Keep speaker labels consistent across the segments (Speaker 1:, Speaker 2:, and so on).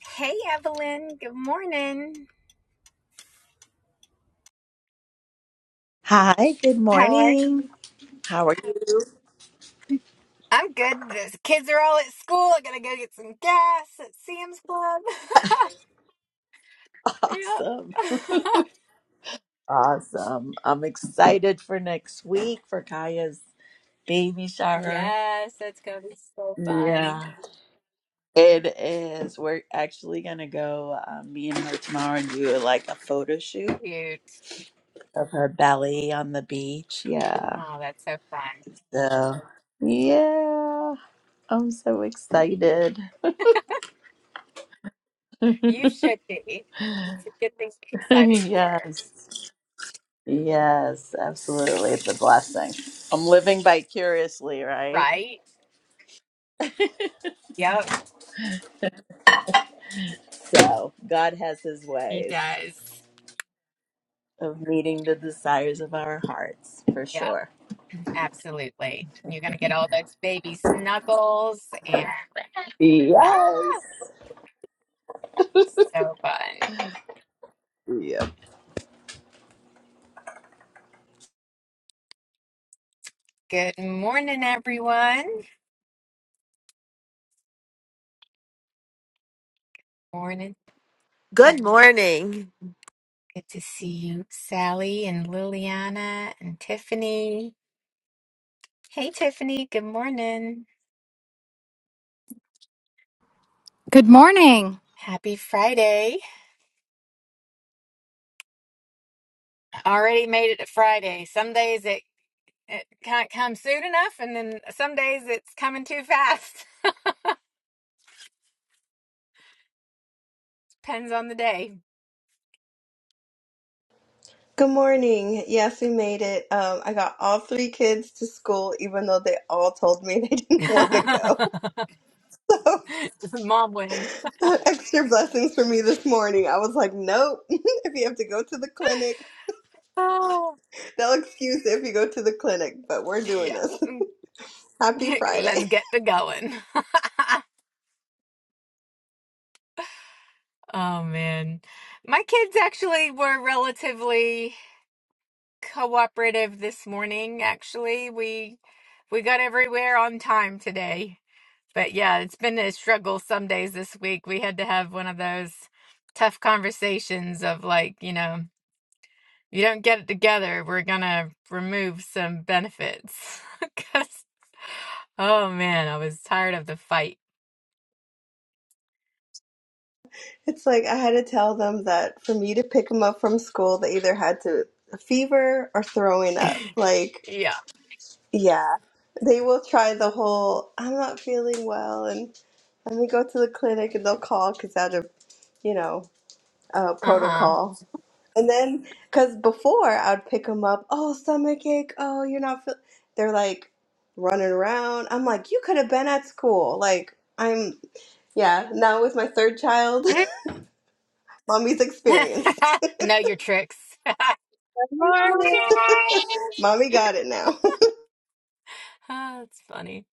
Speaker 1: Hey, Evelyn. Good morning.
Speaker 2: Hi, good
Speaker 1: How are you?
Speaker 2: morning. How are you?
Speaker 1: I'm good. The kids are all at school. I gotta go get some gas at Sam's Club.
Speaker 2: Awesome.
Speaker 1: Yep.
Speaker 2: Awesome. I'm excited for next week for Kaya's baby shower.
Speaker 1: Yes, that's gonna be so fun.
Speaker 2: Yeah. It is. We're actually going to go, um, me and her tomorrow, and do like a photo shoot
Speaker 1: Cute.
Speaker 2: of her belly on the beach. Yeah.
Speaker 1: Oh, that's so fun.
Speaker 2: So, yeah. I'm so excited.
Speaker 1: You should be. It's a good thing to be excited for,
Speaker 2: yes. Yes, absolutely. It's a blessing. I'm living vicariously, right?
Speaker 1: right? Yep,
Speaker 2: So God has his
Speaker 1: he
Speaker 2: ways
Speaker 1: does.
Speaker 2: of meeting the desires of our hearts for
Speaker 1: Yeah,
Speaker 2: sure.
Speaker 1: absolutely. You're gonna get all those baby snuggles and ah,
Speaker 2: Yes.
Speaker 1: so fun. Good morning, everyone. Morning.
Speaker 3: Good morning.
Speaker 1: Good to see you, Sally and Liliana and Tiffany. Hey, Tiffany. Good morning.
Speaker 4: Good morning.
Speaker 1: Happy Friday. Already made it to Friday. Some days it, it can't come soon enough, and then some days it's coming too fast. Depends on the day.
Speaker 5: Good morning. Yes, we made it. Um, I got all three kids to school, even though they all told me they didn't want to go.
Speaker 1: This is Mom wins.
Speaker 5: Extra blessings for me this morning. I was like, nope. if you have to go to the clinic,
Speaker 1: Oh,
Speaker 5: they'll excuse it if you go to the clinic, but we're doing
Speaker 1: yeah.
Speaker 5: this. Happy Friday.
Speaker 1: Let's get to going. Oh man. My kids actually were relatively cooperative this morning, actually. We we got everywhere on time today. But yeah, it's been a struggle some days this week. We had to have one of those tough conversations of like, you know, you don't get it together, we're gonna remove some benefits. 'Cause oh man, I was tired of the fight.
Speaker 5: It's like I had to tell them that for me to pick them up from school, they either had to fever or throwing up. Like,
Speaker 1: Yeah.
Speaker 5: Yeah, they will try the whole I'm not feeling well and let me go to the clinic and they'll call because out of, you know, uh,
Speaker 1: Uh-huh.
Speaker 5: protocol. And then, because before I'd pick them up, oh, stomach ache, oh, you're not feel They're like running around. I'm like, you could have been at school. Like, I'm, yeah, now with my third child, mommy's experienced.
Speaker 1: know your tricks.
Speaker 6: morning.
Speaker 5: Mommy got it now.
Speaker 1: Ah, that's funny.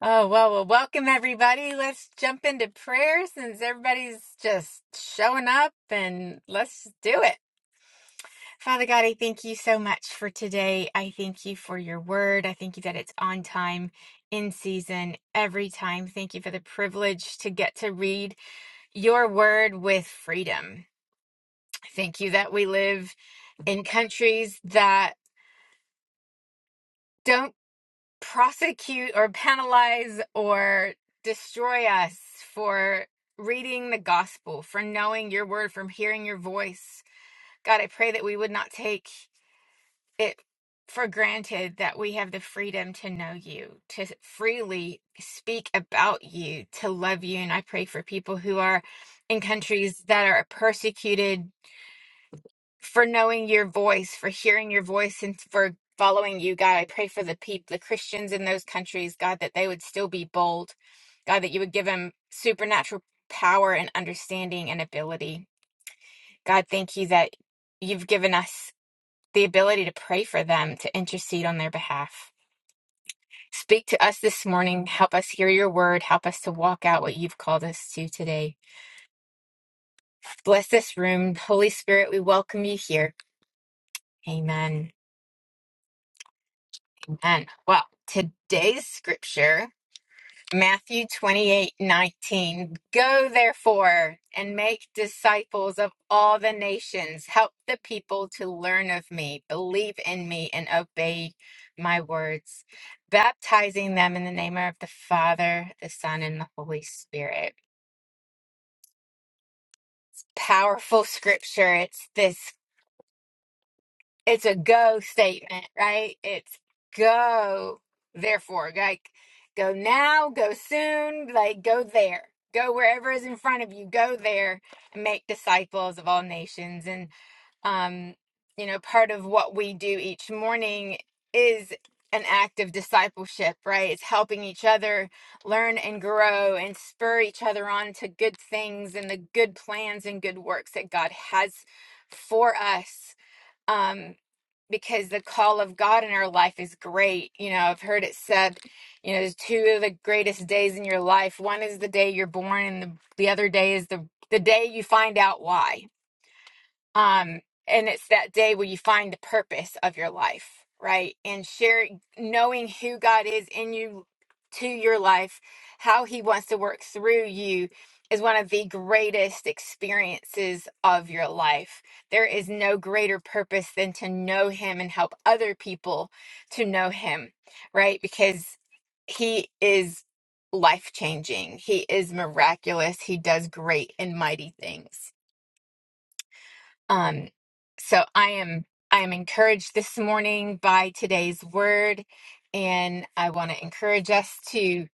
Speaker 1: Oh, well, well, welcome everybody. Let's jump into prayer since everybody's just showing up and let's do it. Father God, I thank you so much for today. I thank you for your word. I thank you that it's on time, in season, every time. Thank you for the privilege to get to read your word with freedom. Thank you that we live in countries that don't prosecute or penalize or destroy us for reading the gospel, for knowing your word, from hearing your voice. God, I pray that we would not take it for granted that we have the freedom to know you, to freely speak about you, to love you. And I pray for people who are in countries that are persecuted for knowing your voice, for hearing your voice, and for following you, God. I pray for the people, the Christians in those countries, God, that they would still be bold. God, that you would give them supernatural power and understanding and ability. God, thank you that you've given us the ability to pray for them, to intercede on their behalf. Speak to us this morning. Help us hear your word. Help us to walk out what you've called us to today. Bless this room. Holy Spirit, we welcome you here. Amen. And well, today's scripture, Matthew 28 19. go therefore and make disciples of all the nations. Help the people to learn of me, believe in me, and obey my words, baptizing them in the name of the Father, the Son, and the Holy Spirit. Powerful scripture. It's this it's a go statement, right? It's go, therefore, like go now, go soon, like go there, go wherever is in front of you, go there and make disciples of all nations. And, um, you know, part of what we do each morning is an act of discipleship, right? It's helping each other learn and grow and spur each other on to good things and the good plans and good works that God has for us. Um, because the call of God in our life is great. You know, I've heard it said, you know, there's two of the greatest days in your life. One is the day you're born, and the, the other day is the, the day you find out why um and it's that day where you find the purpose of your life right and sharing knowing who god is in you to your life how he wants to work through you is one of the greatest experiences of your life there is no greater purpose than to know him and help other people to know him right because he is life changing he is miraculous he does great and mighty things um, so I am I am encouraged this morning by today's word, and I want to encourage us to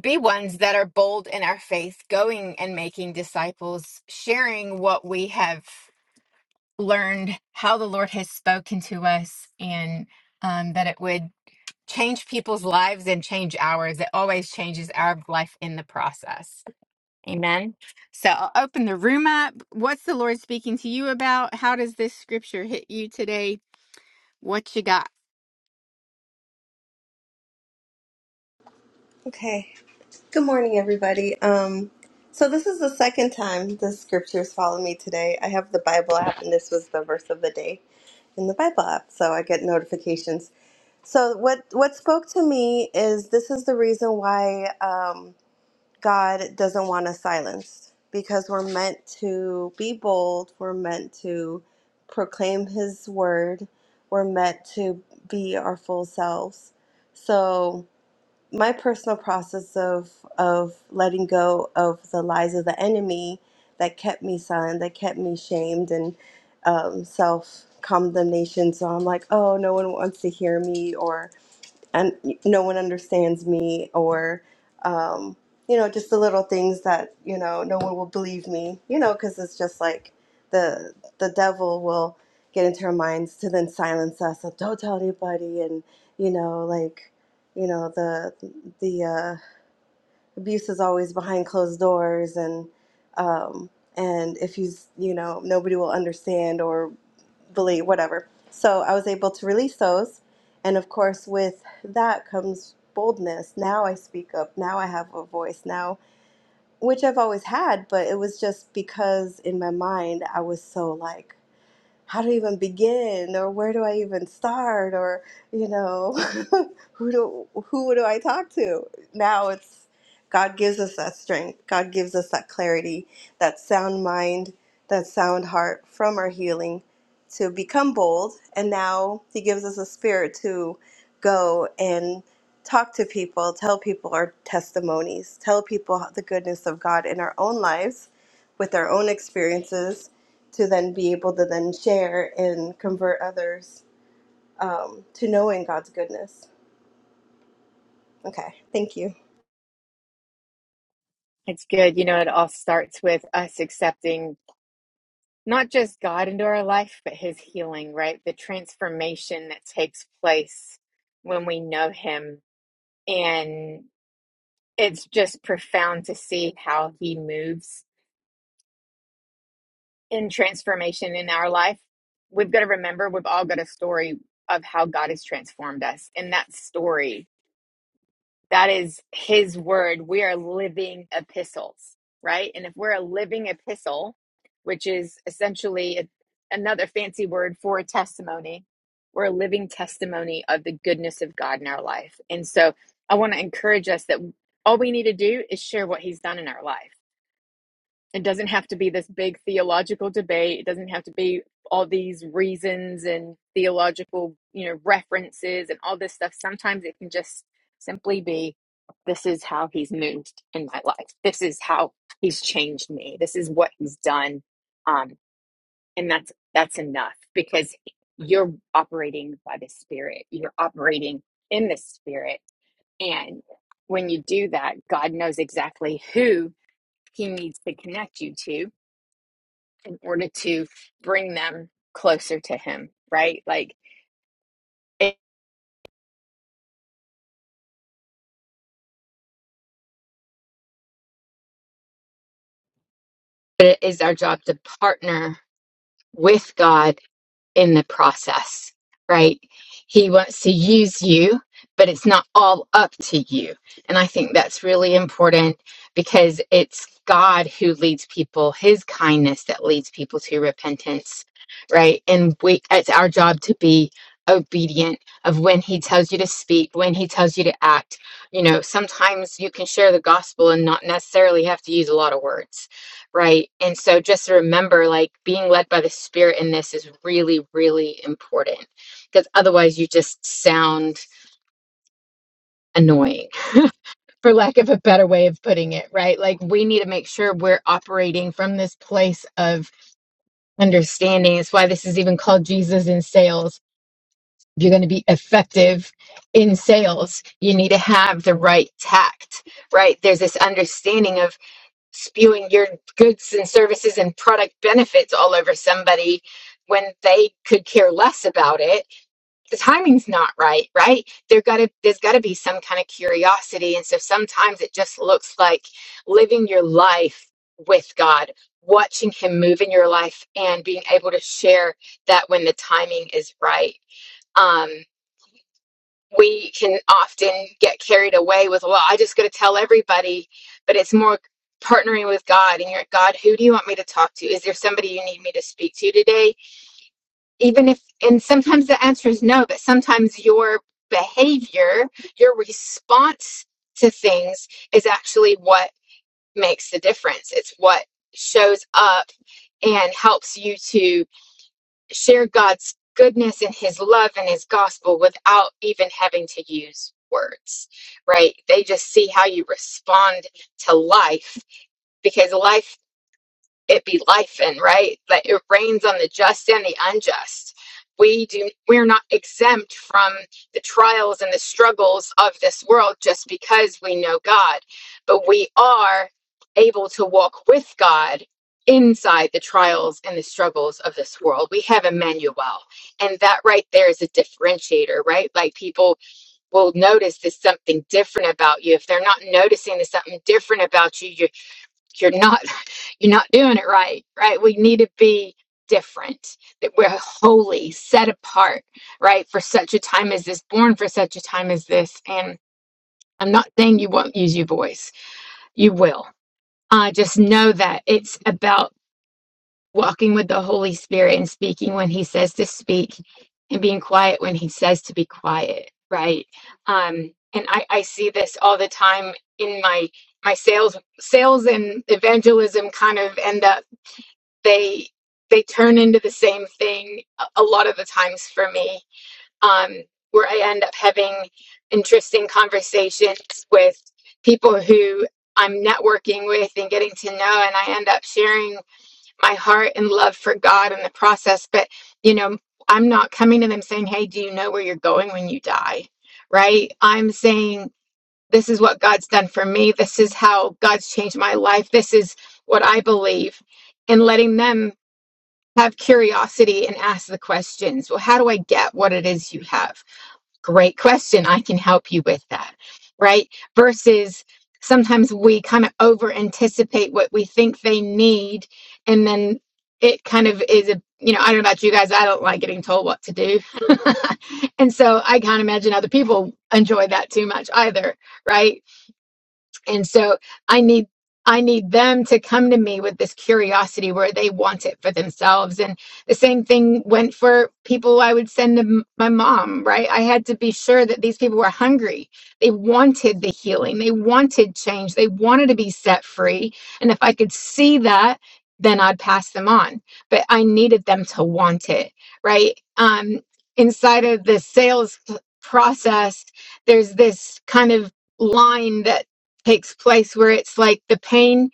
Speaker 1: be ones that are bold in our faith, going and making disciples, sharing what we have learned, how the Lord has spoken to us, and um, that it would change people's lives and change ours. It always changes our life in the process. Amen. So I'll open the room up. What's the Lord speaking to you about? How does this scripture hit you today? What you got?
Speaker 5: Okay. Good morning, everybody. Um, so this is the second time the scriptures follow me today. I have the Bible app, and this was the verse of the day in the Bible app, so I get notifications. So what what spoke to me is this is the reason why um, God doesn't want us silenced because we're meant to be bold. We're meant to proclaim His word. We're meant to be our full selves. So my personal process of of letting go of the lies of the enemy that kept me silent, that kept me shamed and um, self condemnation. So I'm like, oh, no one wants to hear me, or and no one understands me or um, you know just the little things that you know no one will believe me you know because it's just like the the devil will get into our minds to then silence us So don't tell anybody and you know like you know the the uh, abuse is always behind closed doors and um, and if you s- you know nobody will understand or believe, whatever. So I was able to release those. And of course, with that comes boldness. Now I speak up. Now I have a voice. Now, which I've always had, but it was just because in my mind I was so like, how to even begin or where do I even start or you know who do who do I talk to now it's God gives us that strength God gives us that clarity that sound mind that sound heart from our healing to become bold and now he gives us a spirit to go and talk to people tell people our testimonies tell people the goodness of God in our own lives with our own experiences to then be able to then share and convert others um, to knowing God's goodness. Okay, thank you.
Speaker 1: It's good. You know, it all starts with us accepting not just God into our life, but his healing, right? The transformation that takes place when we know him. And it's just profound to see how he moves in transformation in our life. We've got to remember, we've all got a story of how God has transformed us. And that story That is his word. We are living epistles, right? And if we're a living epistle, which is essentially a, another fancy word for a testimony, we're a living testimony of the goodness of God in our life. And so I want to encourage us that all we need to do is share what he's done in our life. It doesn't have to be this big theological debate. It doesn't have to be all these reasons and theological, you know, references and all this stuff. Sometimes it can just simply be this is how he's moved in my life. This is how he's changed me. This is what he's done. Um and that's that's enough because you're operating by the spirit. You're operating in the spirit and when you do that, God knows exactly who he needs to connect you to order to bring them closer to him right like it is our job to partner with god in the process, right? He wants to use you, but it's not all up to you. And I think that's really important because it's God who leads people, his kindness that leads people to repentance, right? And we it's our job to be obedient of when he tells you to speak, when he tells you to act. You know, sometimes you can share the gospel and not necessarily have to use a lot of words right? And so just remember, like being led by the Spirit in this is really, really important because otherwise you just sound annoying, for lack of a better way of putting it, right? Like we need to make sure we're operating from this place of understanding. It's why this is even called Jesus in sales. If you're going to be effective in sales, you need to have the right tact, right? There's this understanding of spewing your goods and services and product benefits all over somebody when they could care less about it the timing's not right right there got to there's got to be some kind of curiosity and so sometimes it just looks like living your life with god watching him move in your life and being able to share that when the timing is right Um, we can often get carried away with, well, I just got to tell everybody, but it's more partnering with God and you're like, God, who do you want me to talk to? Is there somebody you need me to speak to today? Even if, and sometimes the answer is no, but sometimes your behavior, your response to things is actually what makes the difference. It's what shows up and helps you to share God's goodness and his love and his gospel without even having to use words, right? They just see how you respond to life because life it be life in right that it rains on the just and the unjust we do we're not exempt from the trials and the struggles of this world just because we know god but we are able to walk with god inside the trials and the struggles of this world we have emmanuel and that right there is a differentiator right like people will notice there's something different about you if they're not noticing there's something different about you you're you're not you're not doing it right right we need to be different that we're holy set apart right for such a time as this born for such a time as this and i'm not saying you won't use your voice you will uh, just know that it's about walking with the holy spirit and speaking when he says to speak and being quiet when he says to be quiet right um and i i see this all the time in my my sales sales and evangelism kind of end up they they turn into the same thing a lot of the times for me um where i end up having interesting conversations with people who i'm networking with and getting to know and i end up sharing my heart and love for god in the process but you know i'm not coming to them saying hey do you know where you're going when you die right i'm saying this is what god's done for me this is how god's changed my life this is what i believe and letting them have curiosity and ask the questions. Well, how do I get what it is you have? Great question. I can help you with that. Right. Versus sometimes we kind of over anticipate what we think they need. And then it kind of is a, you know, I don't know about you guys. I don't like getting told what to do. and so I can't imagine other people enjoy that too much either. Right and so i need i need them to come to me with this curiosity where they want it for themselves and the same thing went for people i would send to m- my mom right i had to be sure that these people were hungry they wanted the healing they wanted change they wanted to be set free and if i could see that then i'd pass them on but i needed them to want it right um inside of the sales p- process there's this kind of line that takes place where it's like the pain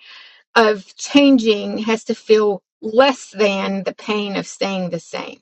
Speaker 1: of changing has to feel less than the pain of staying the same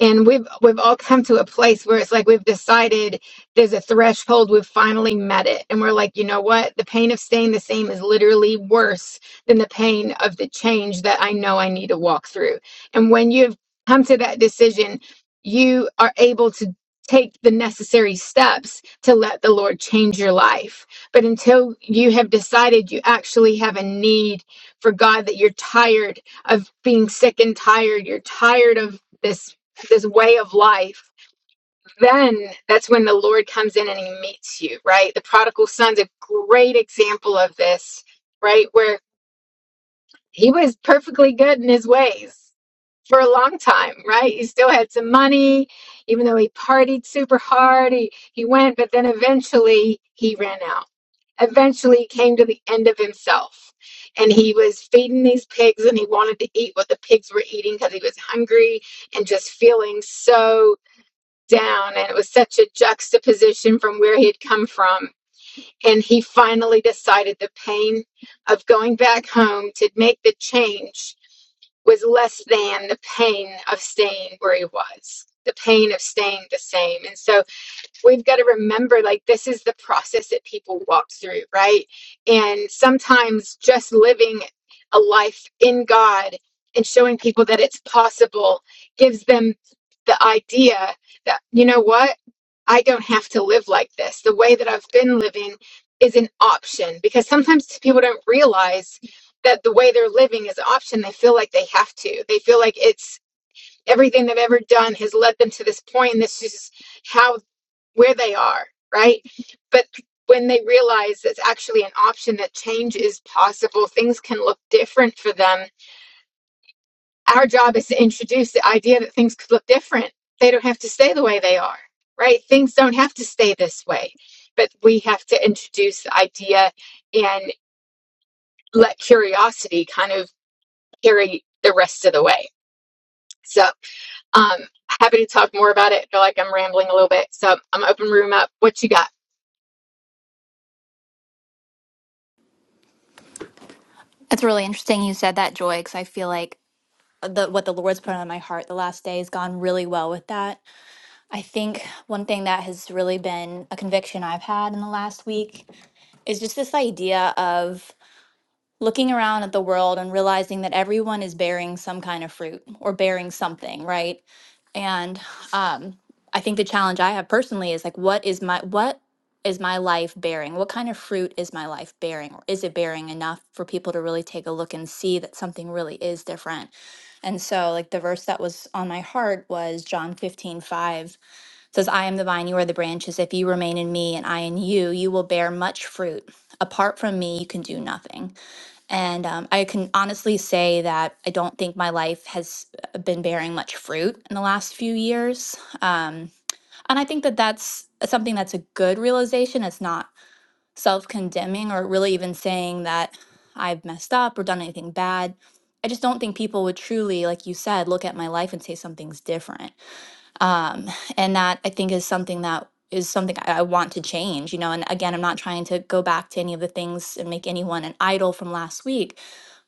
Speaker 1: and we've we've all come to a place where it's like we've decided there's a threshold we've finally met it and we're like you know what the pain of staying the same is literally worse than the pain of the change that i know i need to walk through and when you've come to that decision you are able to take the necessary steps to let the lord change your life but until you have decided you actually have a need for god that you're tired of being sick and tired you're tired of this this way of life, then that's when the Lord comes in and he meets you, right? The prodigal son's a great example of this, right? Where he was perfectly good in his ways for a long time, right? He still had some money, even though he partied super hard, he, he went, but then eventually he ran out. Eventually he came to the end of himself. And he was feeding these pigs and he wanted to eat what the pigs were eating because he was hungry and just feeling so down and it was such a juxtaposition from where he had come from and he finally decided the pain of going back home to make the change was less than the pain of staying where he was the pain of staying the same and so we've got to remember like this is the process that people walk through, right? And sometimes just living a life in God and showing people that it's possible gives them the idea that, you know what? I don't have to live like this. The way that I've been living is an option because sometimes people don't realize that the way they're living is an option. They feel like they have to. They feel like it's everything they've ever done has led them to this point and this is how where they are, right? But when they realize it's actually an option that change is possible, things can look different for them. Our job is to introduce the idea that things could look different. They don't have to stay the way they are, right? Things don't have to stay this way. But we have to introduce the idea and let curiosity kind of carry the rest of the way. So, um, happy to talk more about it. I feel like I'm rambling a little bit. So, I'm open room up. What you got?
Speaker 7: It's really interesting you said that, Joy, because I feel like the what the Lord's put on my heart the last day has gone really well with that. I think one thing that has really been a conviction I've had in the last week is just this idea of looking around at the world and realizing that everyone is bearing some kind of fruit or bearing something, right? And um, I think the challenge I have personally is like, what is my what is my life bearing? What kind of fruit is my life bearing? Or is it bearing enough for people to really take a look and see that something really is different? And so, like the verse that was on my heart was John 15 5 says, I am the vine, you are the branches. If you remain in me and I in you, you will bear much fruit. Apart from me, you can do nothing. And um, I can honestly say that I don't think my life has uh, been bearing much fruit in the last few years. Um, and I think that that's something that's a good realization. It's not self condemning or really even saying that I've messed up or done anything bad. I just don't think people would truly, like you said, look at my life and say something's different um, and that i think is something that is something I, I want to change you know and again i'm not trying to go back to any of the things and make anyone an idol from last week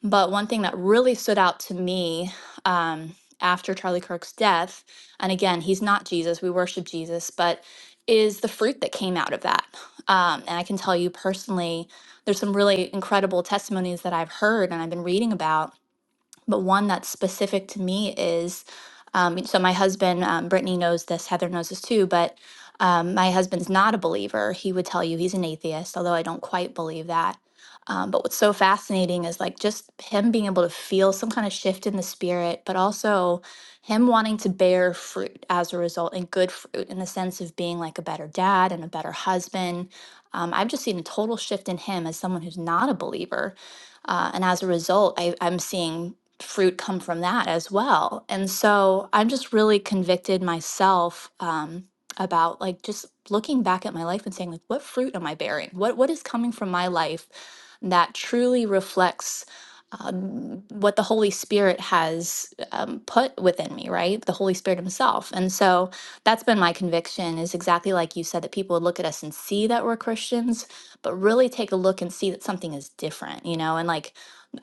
Speaker 7: but one thing that really stood out to me um, after charlie kirk's death and again he's not jesus we worship jesus but is the fruit that came out of that um, and i can tell you personally there's some really incredible testimonies that i've heard and i've been reading about but one that's specific to me is um, so my husband um, brittany knows this heather knows this too but um, my husband's not a believer he would tell you he's an atheist although i don't quite believe that um, but what's so fascinating is like just him being able to feel some kind of shift in the spirit but also him wanting to bear fruit as a result and good fruit in the sense of being like a better dad and a better husband um, i've just seen a total shift in him as someone who's not a believer uh, and as a result I, i'm seeing fruit come from that as well. And so I'm just really convicted myself um, about like just looking back at my life and saying like, what fruit am I bearing? What what is coming from my life that truly reflects um, what the Holy Spirit has um, put within me, right? The Holy Spirit Himself. And so that's been my conviction is exactly like you said that people would look at us and see that we're Christians, but really take a look and see that something is different, you know, and like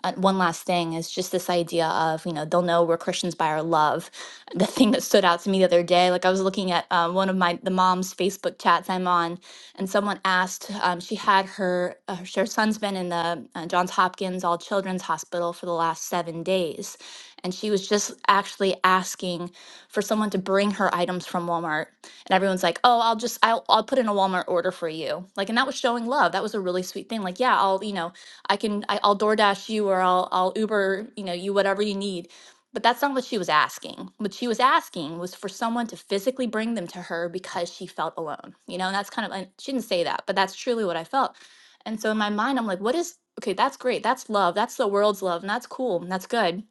Speaker 7: uh, one last thing is just this idea of you know they'll know we're christians by our love the thing that stood out to me the other day like i was looking at um, one of my the mom's facebook chats i'm on and someone asked um, she had her uh, her son's been in the uh, johns hopkins all children's hospital for the last seven days and she was just actually asking for someone to bring her items from walmart and everyone's like oh i'll just i'll, I'll put in a walmart order for you like and that was showing love that was a really sweet thing like yeah i'll you know I can I, I'll DoorDash you or I'll I'll Uber, you know, you whatever you need. But that's not what she was asking. What she was asking was for someone to physically bring them to her because she felt alone. You know, and that's kind of and she didn't say that, but that's truly what I felt. And so in my mind, I'm like, what is okay, that's great. That's love. That's the world's love. And that's cool. And that's good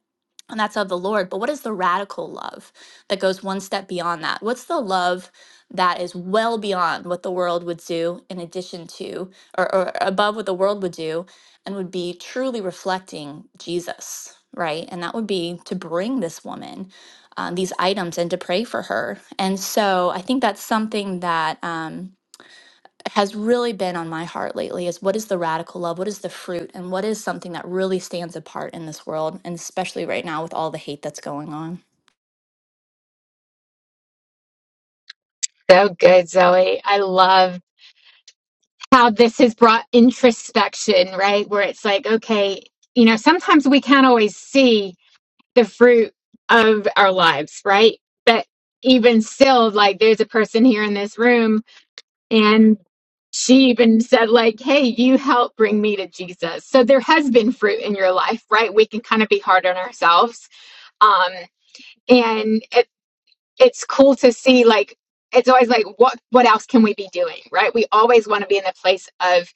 Speaker 7: and that's of the Lord. But what is the radical love that goes one step beyond that? What's the love that is well beyond what the world would do, in addition to, or, or above what the world would do, and would be truly reflecting Jesus, right? And that would be to bring this woman um, these items and to pray for her. And so I think that's something that. Um, has really been on my heart lately is what is the radical love? What is the fruit? And what is something that really stands apart in this world? And especially right now with all the hate that's going on.
Speaker 1: So good, Zoe. I love how this has brought introspection, right? Where it's like, okay, you know, sometimes we can't always see the fruit of our lives, right? But even still, like, there's a person here in this room and she even said like hey you helped bring me to jesus so there has been fruit in your life right we can kind of be hard on ourselves um and it's cool to see like it's always like what what else can we be doing right we always want to be in the place of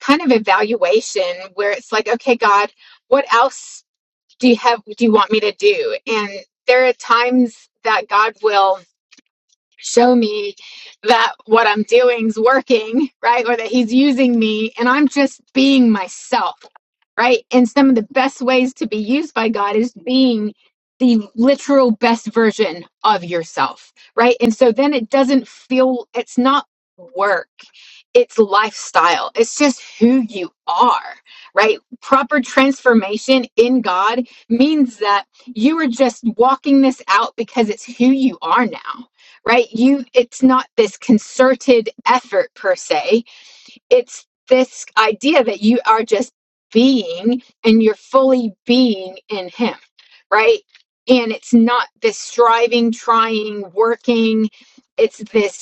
Speaker 1: kind of evaluation where it's like okay god what else do you have do you want me to do and there are times that god will show me that what I'm doing's working, right? Or that he's using me and I'm just being myself, right? And some of the best ways to be used by God is being the literal best version of yourself, right? And so then it doesn't feel, it's not work. It's lifestyle. It's just who you are, right? Proper transformation in God means that you are just walking this out because it's who you are now right you it's not this concerted effort per se it's this idea that you are just being and you're fully being in him right and it's not this striving trying working it's this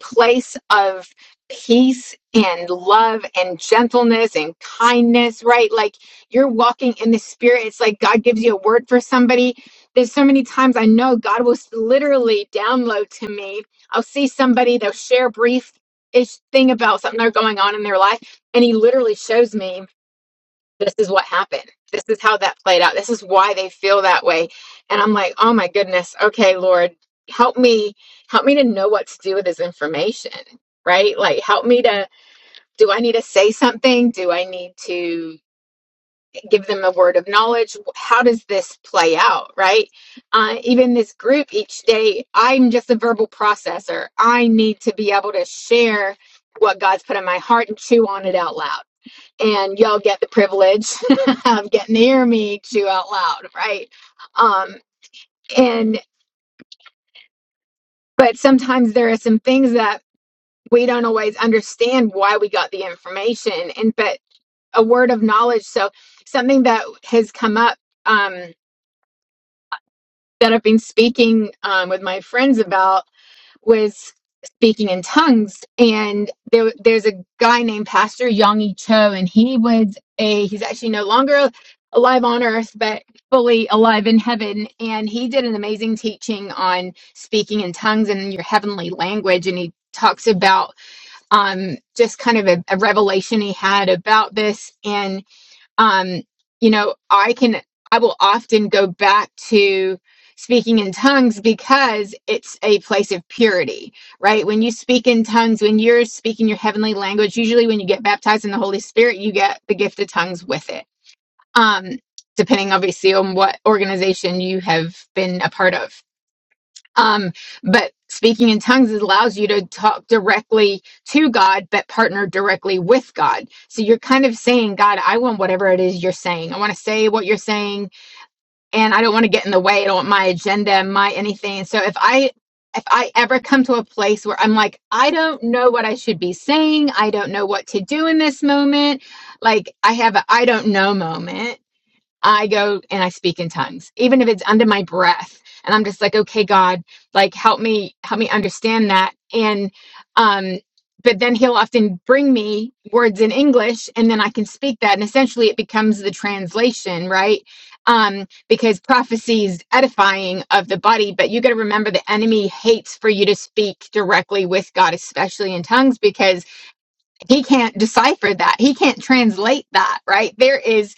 Speaker 1: place of peace and love and gentleness and kindness, right? Like you're walking in the spirit. It's like God gives you a word for somebody. There's so many times I know God will literally download to me. I'll see somebody, they'll share a brief ish thing about something they're going on in their life, and He literally shows me this is what happened. This is how that played out. This is why they feel that way. And I'm like, oh my goodness. Okay, Lord, help me, help me to know what to do with this information, right? Like, help me to, do I need to say something? Do I need to give them a word of knowledge? How does this play out, right? Uh, even this group each day, I'm just a verbal processor. I need to be able to share what God's put in my heart and chew on it out loud and y'all get the privilege of getting to hear me chew out loud, right? Um, and but sometimes there are some things that we don't always understand why we got the information, and but a word of knowledge. So something that has come up um, that I've been speaking um, with my friends about was speaking in tongues and there there's a guy named Pastor Yongi Cho and he was a he's actually no longer alive on earth but fully alive in heaven and he did an amazing teaching on speaking in tongues and your heavenly language and he talks about um just kind of a, a revelation he had about this and um, you know, I can, I will often go back to speaking in tongues because it's a place of purity, right? When you speak in tongues, when you're speaking your heavenly language, usually when you get baptized in the Holy Spirit, you get the gift of tongues with it. Um, depending obviously on what organization you have been a part of. Um, but speaking in tongues allows you to talk directly to God, but partner directly with God. So you're kind of saying, God, I want whatever it is you're saying. I want to say what you're saying, and I don't want to get in the way. I don't want my agenda, my anything. So if I if I ever come to a place where I'm like, I don't know what I should be saying, I don't know what to do in this moment, like I have a I don't know moment I go and I speak in tongues, even if it's under my breath. And I'm just like, okay, God, like help me, help me understand that. And um, but then he'll often bring me words in English and then I can speak that. And essentially it becomes the translation, right? Um, because prophecy is edifying of the body, but you gotta remember the enemy hates for you to speak directly with God, especially in tongues, because he can't decipher that. He can't translate that, right? There is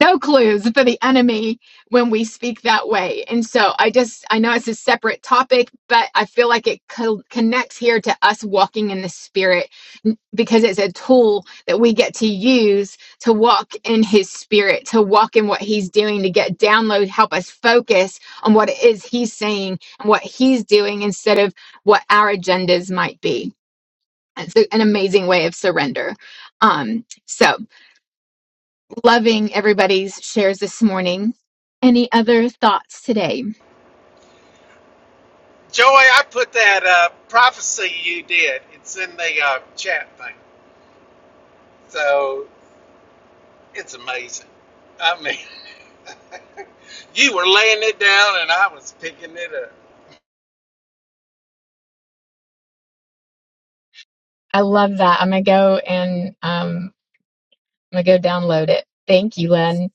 Speaker 1: no clues for the enemy when we speak that way. And so I just, I know it's a separate topic, but I feel like it co- connects here to us walking in the spirit because it's a tool that we get to use to walk in his spirit, to walk in what he's doing, to get download, help us focus on what it is he's saying and what he's doing instead of what our agendas might be. It's an amazing way of surrender. Um, so loving everybody's shares this morning. Any other thoughts today?
Speaker 8: Joey, I put that uh, prophecy you did. It's in the uh, chat thing. So it's amazing. I mean, you were laying it down and I was picking it up.
Speaker 1: I love that. I'm gonna go and um, I'm gonna go download it. Thank you, Len.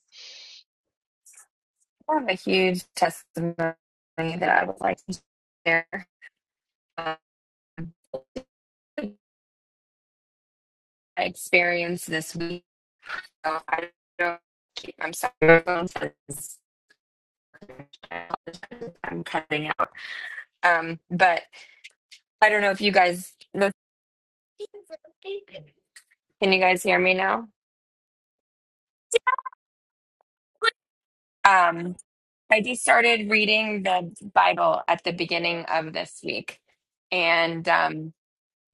Speaker 9: I have a huge testimony that I would like to share. Um, I experienced this week. So I don't keep. I'm sorry. I'm cutting out. Um, but I don't know if you guys. know. Can you guys hear me now? Um, I just started reading the Bible at the beginning of this week, and um,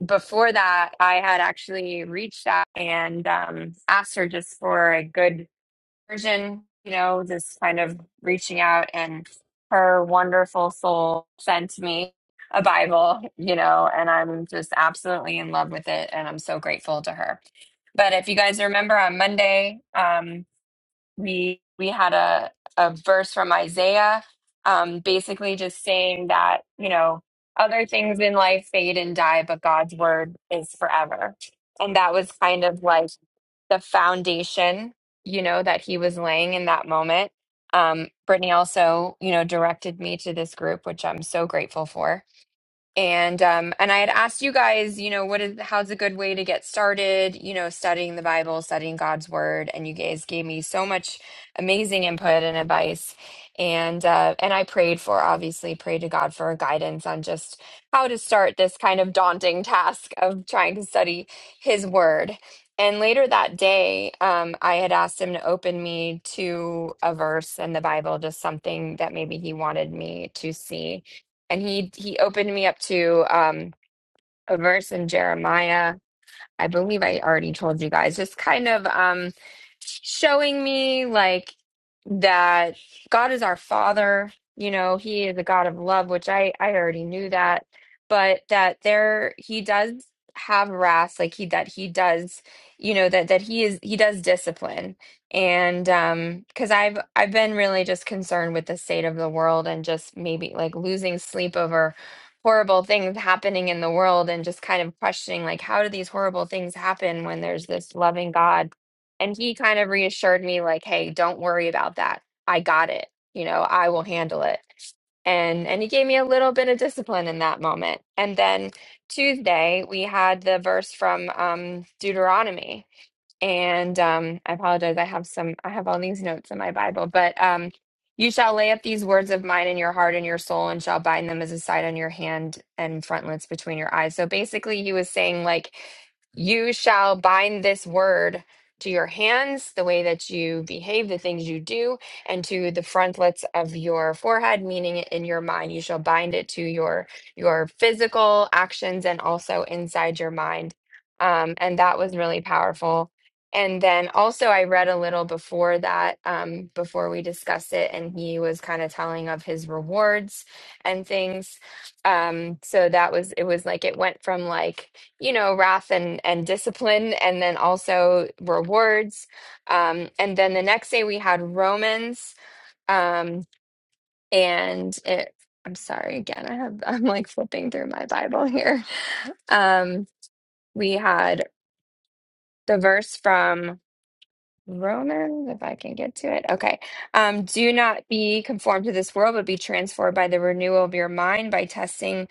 Speaker 9: before that, I had actually reached out and um, asked her just for a good version, you know, just kind of reaching out. And her wonderful soul sent me a Bible, you know, and I'm just absolutely in love with it. And I'm so grateful to her. But if you guys remember on Monday, um, we we had a a verse from Isaiah, um, basically just saying that you know other things in life fade and die, but God's word is forever, and that was kind of like the foundation, you know, that he was laying in that moment. Um, Brittany also, you know, directed me to this group, which I'm so grateful for and um and I had asked you guys, you know, what is how's a good way to get started, you know, studying the Bible, studying God's word, and you guys gave me so much amazing input and advice. And uh and I prayed for obviously prayed to God for guidance on just how to start this kind of daunting task of trying to study his word. And later that day, um, I had asked him to open me to a verse in the Bible, just something that maybe he wanted me to see and he he opened me up to um a verse in Jeremiah. I believe I already told you guys, just kind of um showing me like that God is our father, you know, he is a God of love, which I I already knew that, but that there he does have wrath, like he that he does, you know, that that he is he does discipline. And um cuz I've I've been really just concerned with the state of the world and just maybe like losing sleep over horrible things happening in the world and just kind of questioning like how do these horrible things happen when there's this loving god and he kind of reassured me like hey don't worry about that i got it you know i will handle it and and he gave me a little bit of discipline in that moment and then tuesday we had the verse from um deuteronomy and um, I apologize. I have some, I have all these notes in my Bible, but um, you shall lay up these words of mine in your heart and your soul, and shall bind them as a sign on your hand and frontlets between your eyes. So basically, he was saying, like, you shall bind this word to your hands, the way that you behave, the things you do, and to the frontlets of your forehead, meaning in your mind. You shall bind it to your your physical actions and also inside your mind. Um, and that was really powerful and then also, I read a little before that, um, before we discussed it, and he was kind of telling of his rewards and things. Um, so that was, it was like it went from like, you know, wrath and and discipline, and then also rewards. Um, and then the next day we had Romans, um, and it, I'm sorry again, I have, I'm like flipping through my Bible here. Um, we had the verse from. Romans, if I can get to it. Okay. Um, do not be conformed to this world, but be transformed by the renewal of your mind by testing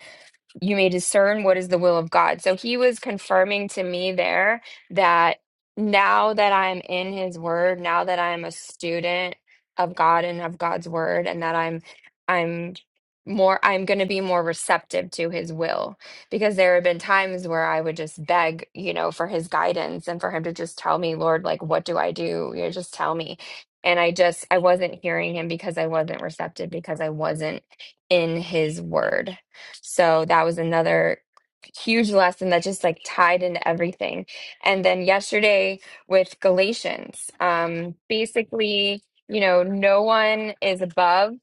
Speaker 9: you may discern what is the will of God. So he was confirming to me there that now that I'm in his word, now that I'm a student of God and of God's word and that I'm I'm more I'm going to be more receptive to his will because there have been times where I would just beg, you know, for his guidance and for him to just tell me, Lord, like what do I do? You know, just tell me. And I just I wasn't hearing him because I wasn't receptive because I wasn't in his word. So that was another huge lesson that just like tied into everything. And then yesterday with Galatians, um, basically, you know, no one is above,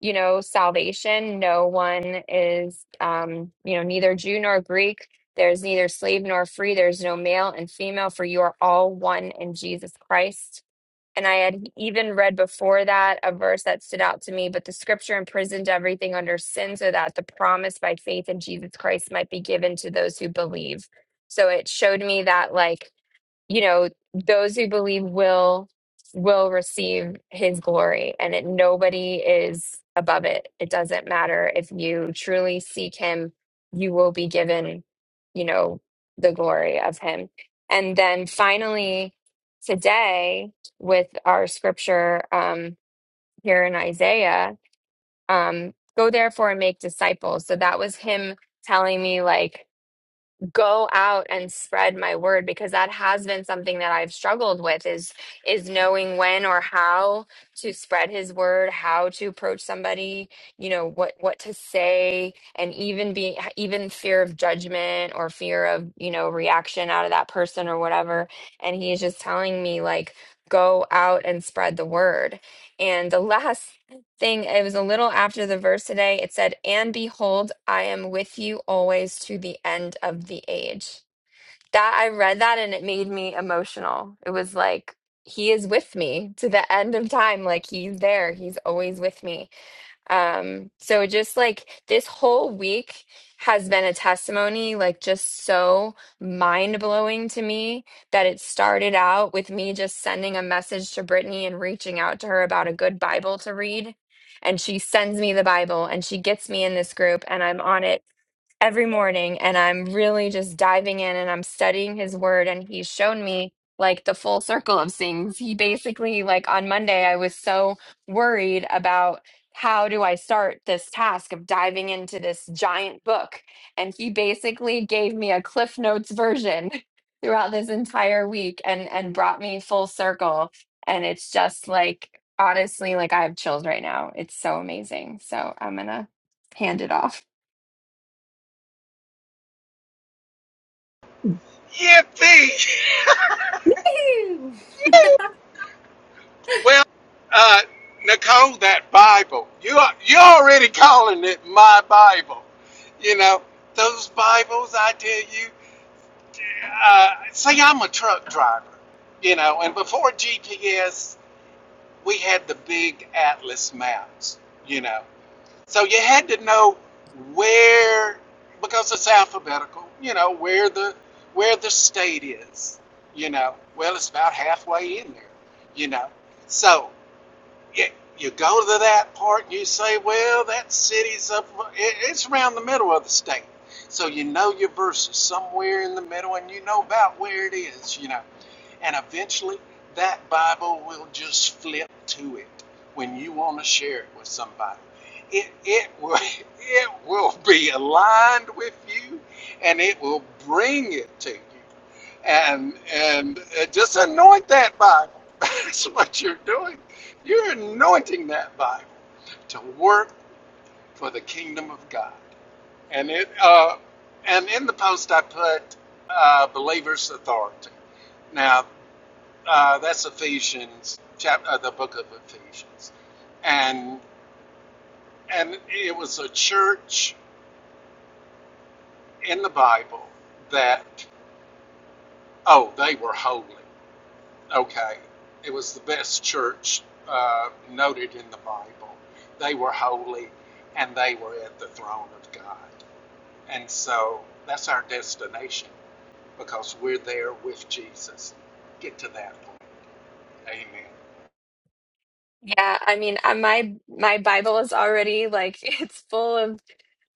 Speaker 9: you know, salvation. No one is, um, you know, neither Jew nor Greek. There's neither slave nor free. There's no male and female, for you are all one in Jesus Christ and I had even read before that a verse that stood out to me, but the scripture imprisoned everything under sin so that the promise by faith in Jesus Christ might be given to those who believe. So it showed me that, like, you know those who believe will will receive his glory and it nobody is above it it doesn't matter if you truly seek him you will be given you know the glory of him and then finally today with our scripture um here in isaiah um go therefore and make disciples so that was him telling me like go out and spread my word because that has been something that I've struggled with is is knowing when or how to spread his word, how to approach somebody, you know, what what to say and even being even fear of judgment or fear of, you know, reaction out of that person or whatever. And he's just telling me like go out and spread the word. And the last thing. It was a little after the verse today. It said, And behold, I am with you always to the end of the age. That I read that and it made me emotional. It was like, He is with me to the end of time. Like, He's there. He's always with me. Um, so just like this whole week has been a testimony, like just so mind blowing to me that it started out with me just sending a message to Brittany and reaching out to her about a good Bible to read. And she sends me the Bible and she gets me in this group and I'm on it every morning and I'm really just diving in and I'm studying his word and he's shown me like the full circle of things. He basically like on Monday I was so worried about how do I start this task of diving into this giant book and he basically gave me a cliff notes version throughout this entire week and and brought me full circle and it's just like honestly like I have chills right now. It's so amazing. So I'm going to hand it off.
Speaker 8: Yippee!
Speaker 1: Woo!
Speaker 8: well, uh, Nicole, that Bible. You are, you're already calling it my Bible. You know, those Bibles, I tell you. Uh, say I'm a truck driver, you know, and before GPS, we had the big atlas maps, you know So you had to know where, because it's alphabetical, you know, where the where the state is. You know, well, it's about halfway in there. You know, so you, you go to that part and you say, well, that city's up, it, it's around the middle of the state. So you know your verses somewhere in the middle, and you know about where it is. You know. And eventually, that Bible will just flip to it when you want to share it with somebody. It, it, will, it will be aligned with you and it will bring it to you. And, and uh, just anoint that Bible. That's what you're doing. You're anointing that Bible to work for the kingdom of God. And, it, uh, and in the post, I put uh, believer's authority. Now. Uh, that's Ephesians, chapter, uh, the book of Ephesians, and and it was a church in the Bible that oh they were holy. Okay, it was the best church uh, noted in the Bible. They were holy, and they were at the throne of God. And so that's our destination because we're there with Jesus. Get to that point. Amen.
Speaker 9: Yeah, I mean, uh, my my Bible is already like it's full of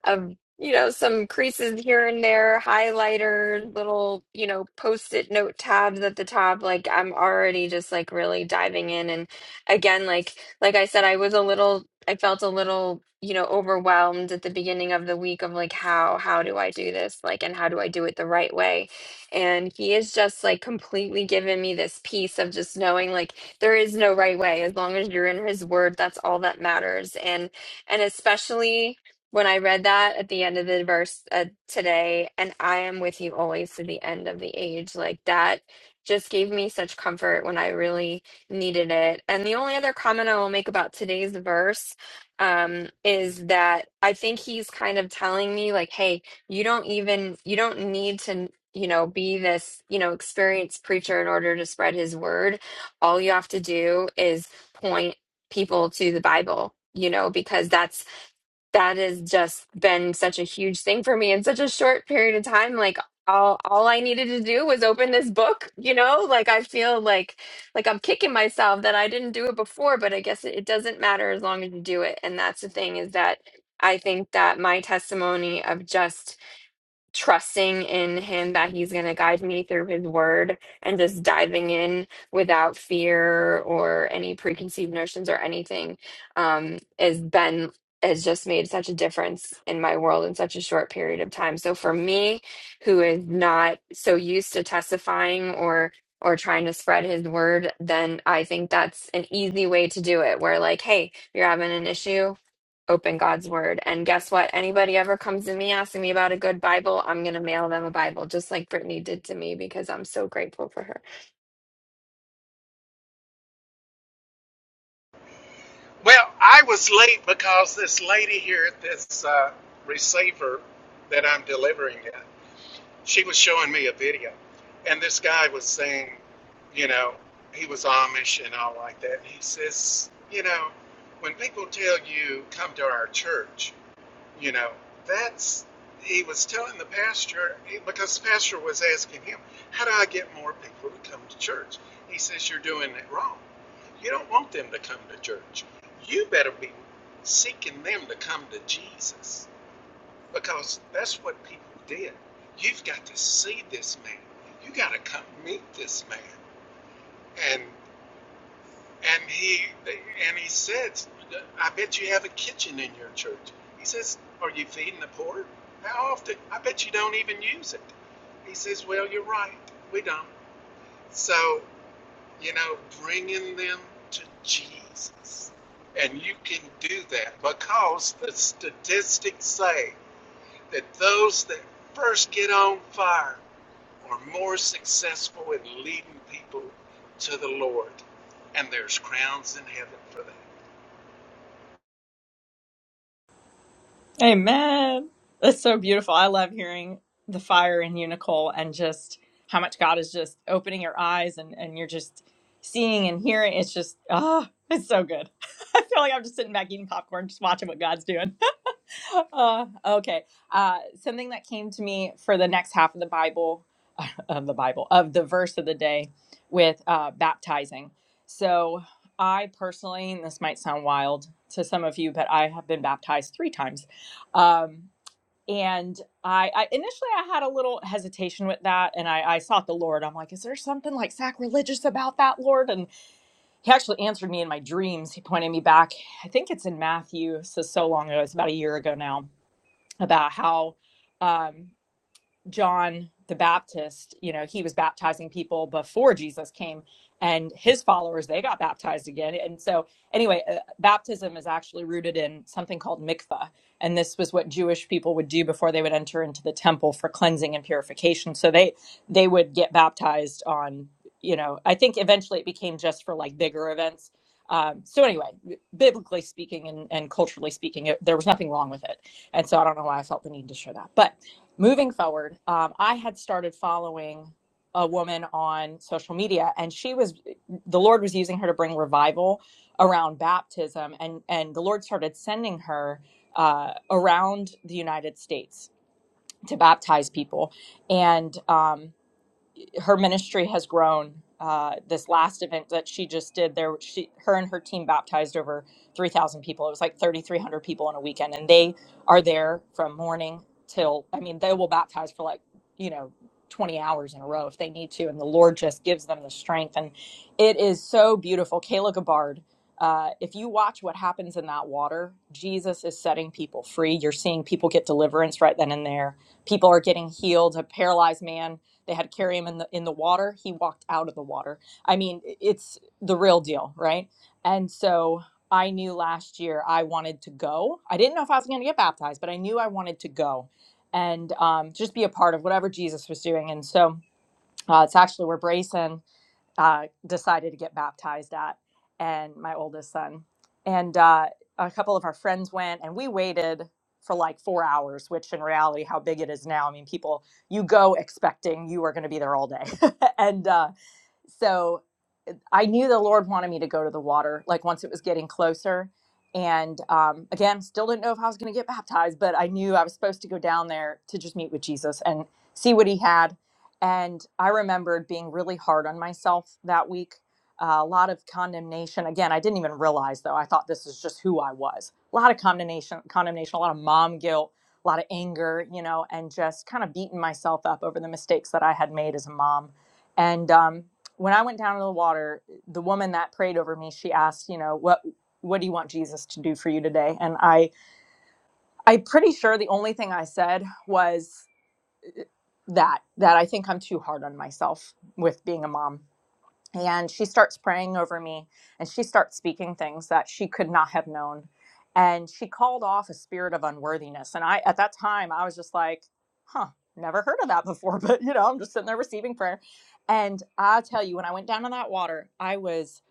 Speaker 9: of you know some creases here and there highlighter little you know post-it note tabs at the top like i'm already just like really diving in and again like like i said i was a little i felt a little you know overwhelmed at the beginning of the week of like how how do i do this like and how do i do it the right way and he is just like completely given me this piece of just knowing like there is no right way as long as you're in his word that's all that matters and and especially when I read that at the end of the verse uh, today, and I am with you always to the end of the age, like that just gave me such comfort when I really needed it. And the only other comment I will make about today's verse um, is that I think he's kind of telling me, like, hey, you don't even, you don't need to. You know, be this, you know, experienced preacher in order to spread his word. All you have to do is point people to the Bible, you know, because that's that has just been such a huge thing for me in such a short period of time like all all I needed to do was open this book you know like I feel like like I'm kicking myself that I didn't do it before but I guess it, it doesn't matter as long as you do it and that's the thing is that I think that my testimony of just trusting in him that he's going to guide me through his word and just diving in without fear or any preconceived notions or anything um has been has just made such a difference in my world in such a short period of time so for me who is not so used to testifying or or trying to spread his word then i think that's an easy way to do it where like hey you're having an issue open God's word. And guess what? Anybody ever comes to me asking me about a good Bible, I'm going to mail them a Bible, just like Brittany did to me, because I'm so grateful for her.
Speaker 8: Well, I was late because this lady here at this uh, receiver that I'm delivering at, she was showing me a video, and this guy was saying, you know, he was Amish and all like that. And he says, you know, when people tell you come to our church, you know, that's he was telling the pastor because the pastor was asking him, "How do I get more people to come to church?" He says, "You're doing it wrong. You don't want them to come to church. You better be seeking them to come to Jesus because that's what people did. You've got to see this man. You got to come meet this man." and." And he and he says, I bet you have a kitchen in your church. He says, Are you feeding the poor? How often? I bet you don't even use it. He says, Well, you're right. We don't. So, you know, bringing them to Jesus. And you can do that because the statistics say that those that first get on fire are more successful in leading people to the Lord. And there's crowns in heaven for that.
Speaker 10: Amen. That's so beautiful. I love hearing the fire in you, Nicole, and just how much God is just opening your eyes and, and you're just seeing and hearing. It's just, ah, it's so good. I feel like I'm just sitting back eating popcorn, just watching what God's doing. Uh, okay. Uh, something that came to me for the next half of the Bible, of the Bible, of the verse of the day with uh, baptizing. So I personally, and this might sound wild to some of you, but I have been baptized three times. Um, and I, I initially I had a little hesitation with that, and I, I sought the Lord. I'm like, is there something like sacrilegious about that, Lord? And He actually answered me in my dreams. He pointed me back. I think it's in Matthew. So so long ago, it's about a year ago now. About how um, John the Baptist, you know, he was baptizing people before Jesus came, and his followers they got baptized again. And so, anyway, uh, baptism is actually rooted in something called mikvah, and this was what Jewish people would do before they would enter into the temple for cleansing and purification. So they they would get baptized on, you know, I think eventually it became just for like bigger events. Um, so anyway, biblically speaking and, and culturally speaking, it, there was nothing wrong with it, and so I don't know why I felt the need to share that, but moving forward, um, I had started following a woman on social media, and she was the Lord was using her to bring revival around baptism, and and the Lord started sending her uh, around the United States to baptize people, and. Um, her ministry has grown. Uh, this last event that she just did, there she her and her team baptized over three thousand people. It was like thirty three hundred people in a weekend, and they are there from morning till I mean they will baptize for like you know twenty hours in a row if they need to, and the Lord just gives them the strength, and it is so beautiful. Kayla Gabbard. Uh, if you watch what happens in that water, Jesus is setting people free. You're seeing people get deliverance right then and there. People are getting healed. A paralyzed man they had to carry him in the in the water. He walked out of the water. I mean, it's the real deal, right? And so I knew last year I wanted to go. I didn't know if I was going to get baptized, but I knew I wanted to go and um, just be a part of whatever Jesus was doing. And so uh, it's actually where Brayson uh, decided to get baptized at, and my oldest son. And uh, a couple of our friends went, and we waited for like four hours, which in reality, how big it is now. I mean, people, you go expecting you are going to be there all day. and uh, so I knew the Lord wanted me to go to the water, like once it was getting closer. And um, again, still didn't know if I was going to get baptized, but I knew I was supposed to go down there to just meet with Jesus and see what he had. And I remembered being really hard on myself that week. Uh, a lot of condemnation. Again, I didn't even realize though. I thought this was just who I was. A lot of condemnation, condemnation, a lot of mom guilt, a lot of anger, you know, and just kind of beating myself up over the mistakes that I had made as a mom. And um, when I went down to the water, the woman that prayed over me she asked you know what what do you want jesus to do for you today and i i'm pretty sure the only thing i said was that that i think i'm too hard on myself with being a mom and she starts praying over me and she starts speaking things that she could not have known and she called off a spirit of unworthiness and i at that time i was just like huh never heard of that before but you know i'm just sitting there receiving prayer and i tell you when i went down in that water i was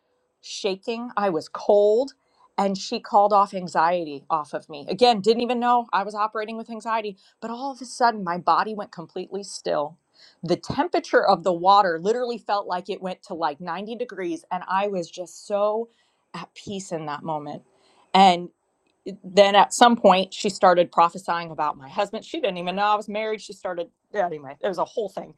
Speaker 10: shaking i was cold and she called off anxiety off of me again didn't even know i was operating with anxiety but all of a sudden my body went completely still the temperature of the water literally felt like it went to like 90 degrees and i was just so at peace in that moment and then at some point she started prophesying about my husband she didn't even know i was married she started yeah, anyway it was a whole thing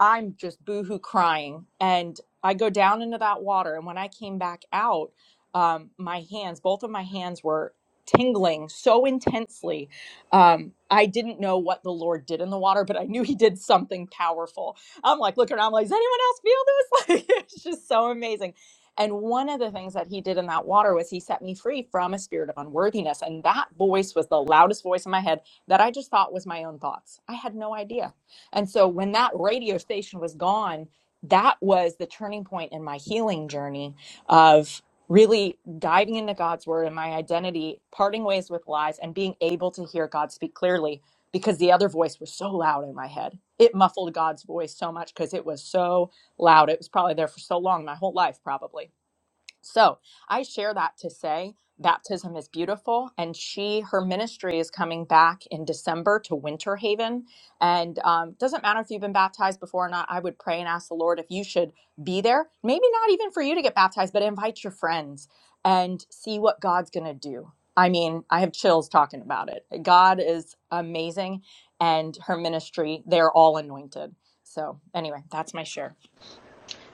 Speaker 10: I'm just boohoo crying. And I go down into that water. And when I came back out, um, my hands, both of my hands were tingling so intensely. Um, I didn't know what the Lord did in the water, but I knew He did something powerful. I'm like, looking around, I'm like, does anyone else feel this? Like, it's just so amazing. And one of the things that He did in that water was He set me free from a spirit of unworthiness. And that voice was the loudest voice in my head that I just thought was my own thoughts. I had no idea. And so when that radio station was gone, that was the turning point in my healing journey of really diving into God's word and my identity, parting ways with lies, and being able to hear God speak clearly because the other voice was so loud in my head. It muffled God's voice so much because it was so loud. It was probably there for so long, my whole life, probably so I share that to say baptism is beautiful. And she, her ministry is coming back in December to Winter Haven. And um, doesn't matter if you've been baptized before or not, I would pray and ask the Lord if you should be there. Maybe not even for you to get baptized, but invite your friends and see what God's going to do. I mean, I have chills talking about it. God is amazing and her ministry, they're all anointed. So, anyway, that's my share.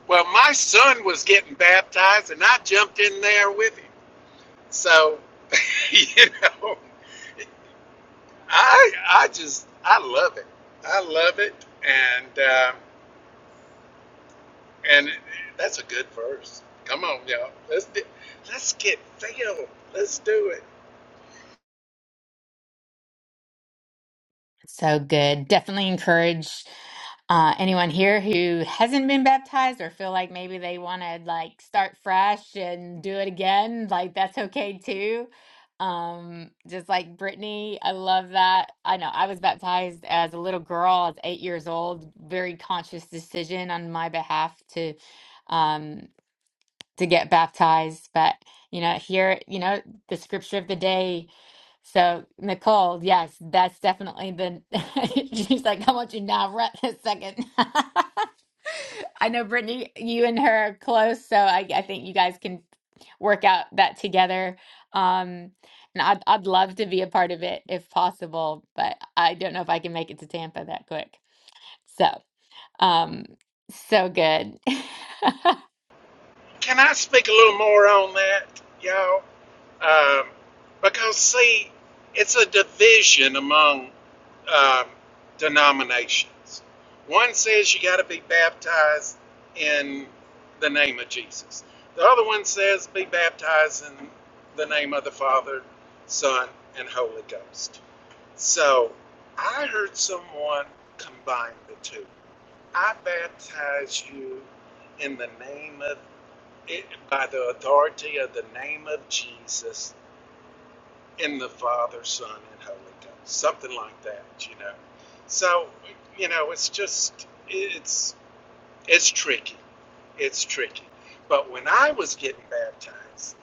Speaker 8: Well, my son was getting baptized, and I jumped in there with him. So, you know, I I just I love it. I love it, and um, and that's a good verse. Come on, y'all. Let's do, let's get filled. Let's do it.
Speaker 1: So good. Definitely encourage uh, anyone here who hasn't been baptized or feel like maybe they want to like start fresh and do it again. Like that's okay too. Um, just like Brittany, I love that. I know I was baptized as a little girl, I was eight years old. Very conscious decision on my behalf to um to get baptized. But you know, here, you know, the scripture of the day. So Nicole, yes, that's definitely the. She's like, I want you now, right this second. I know Brittany, you and her are close, so I, I think you guys can work out that together. Um, and I'd I'd love to be a part of it if possible, but I don't know if I can make it to Tampa that quick. So, um, so good.
Speaker 8: Can I speak a little more on that, y'all? Um, because, see, it's a division among um, denominations. One says you got to be baptized in the name of Jesus, the other one says be baptized in the name of the Father, Son, and Holy Ghost. So I heard someone combine the two. I baptize you in the name of, by the authority of the name of Jesus in the Father, Son, and Holy Ghost, something like that, you know. So, you know, it's just it's it's tricky, it's tricky. But when I was getting baptized,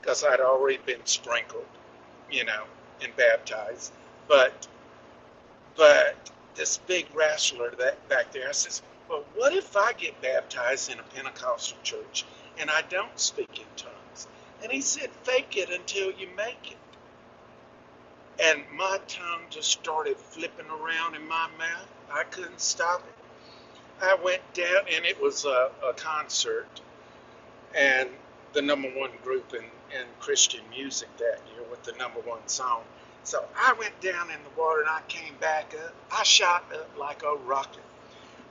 Speaker 8: because I'd already been sprinkled, you know, and baptized, but but this big wrestler that back there, I says, well, what if I get baptized in a Pentecostal church and I don't speak in tongues? And he said, fake it until you make it. And my tongue just started flipping around in my mouth. I couldn't stop it. I went down, and it was a, a concert, and the number one group in, in Christian music that year with the number one song. So I went down in the water and I came back up. I shot up like a rocket.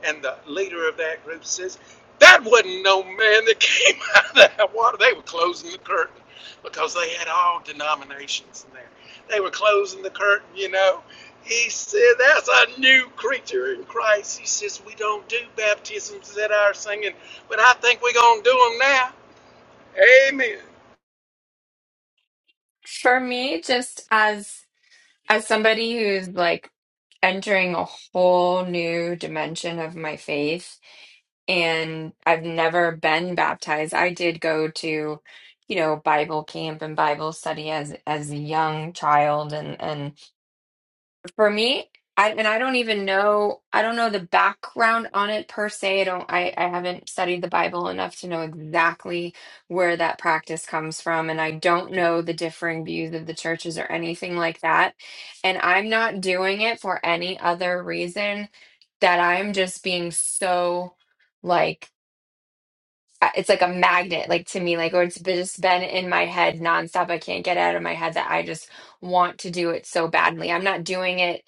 Speaker 8: And the leader of that group says, That wasn't no man that came out of that water. They were closing the curtain because they had all denominations in there. They were closing the curtain, you know. He said, That's a new creature in Christ. He says, We don't do baptisms at our singing, but I think we're going to do them now. Amen.
Speaker 9: For me, just as as somebody who's like entering a whole new dimension of my faith, and I've never been baptized. I did go to, you know, Bible camp and Bible study as as a young child, and and for me I, and I don't even know I don't know the background on it per se. I don't I, I haven't studied the Bible enough to know exactly where that practice comes from and I don't know the differing views of the churches or anything like that. And I'm not doing it for any other reason that I'm just being so like I- it's like a magnet like to me like or it's been- just been in my head nonstop i can't get it out of my head that i just want to do it so badly i'm not doing it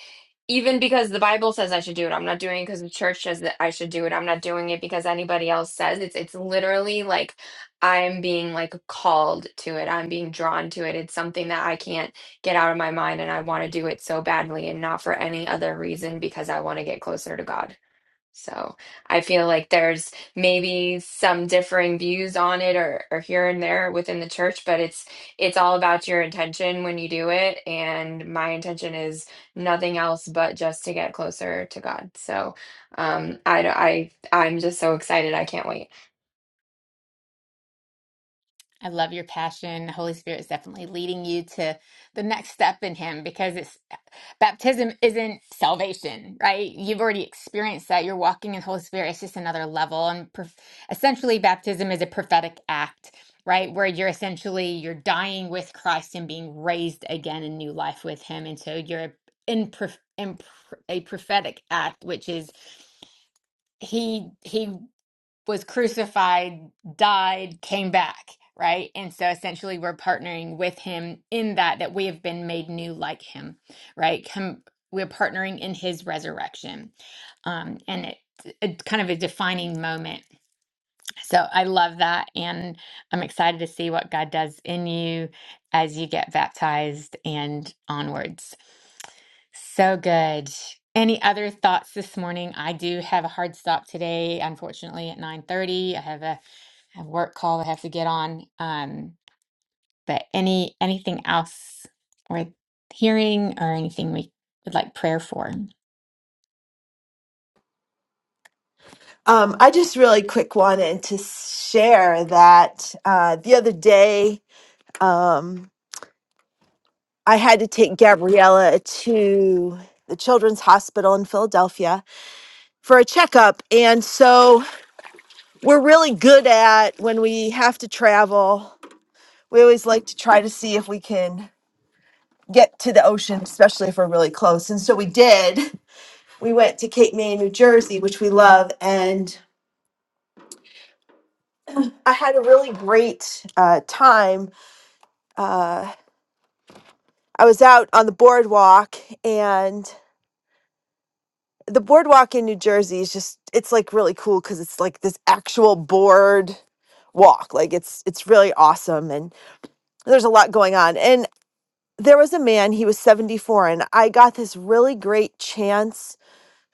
Speaker 9: even because the bible says i should do it i'm not doing it because the church says that i should do it i'm not doing it because anybody else says it's it's literally like i'm being like called to it i'm being drawn to it it's something that i can't get out of my mind and i want to do it so badly and not for any other reason because i want to get closer to god so I feel like there's maybe some differing views on it or, or here and there within the church, but it's it's all about your intention when you do it. And my intention is nothing else but just to get closer to God. So um, I, I I'm just so excited. I can't wait.
Speaker 1: I love your passion. The Holy Spirit is definitely leading you to the next step in Him because it's baptism isn't salvation, right? You've already experienced that. You're walking in the Holy Spirit. It's just another level. And prof- essentially, baptism is a prophetic act, right? Where you're essentially you're dying with Christ and being raised again in new life with Him. And so you're in, prof- in pr- a prophetic act, which is He He was crucified, died, came back, right? And so essentially we're partnering with him in that that we have been made new like him, right? Come we're partnering in his resurrection. Um and it, it kind of a defining moment so I love that. And I'm excited to see what God does in you as you get baptized and onwards. So good. Any other thoughts this morning? I do have a hard stop today, unfortunately, at 9:30. I have a, a work call I have to get on. Um, but or anything we can.
Speaker 3: Um, I just really quick wanted to share that uh, the other day um, I had to take Gabriella to the Children's Hospital in Philadelphia for a checkup. And so we're really good at when we have to travel, we always like to try to see if we can get to the ocean, especially if we're really close. And so we did. We went to Cape May, New Jersey, which we love. And I had a really great uh, time. Uh, I was out on the boardwalk, and the boardwalk in New Jersey is just—it's like really cool because it's like this actual board walk. Like it's it's really awesome, and there's a lot going on. And there was a man; he was 74, and I got this really great chance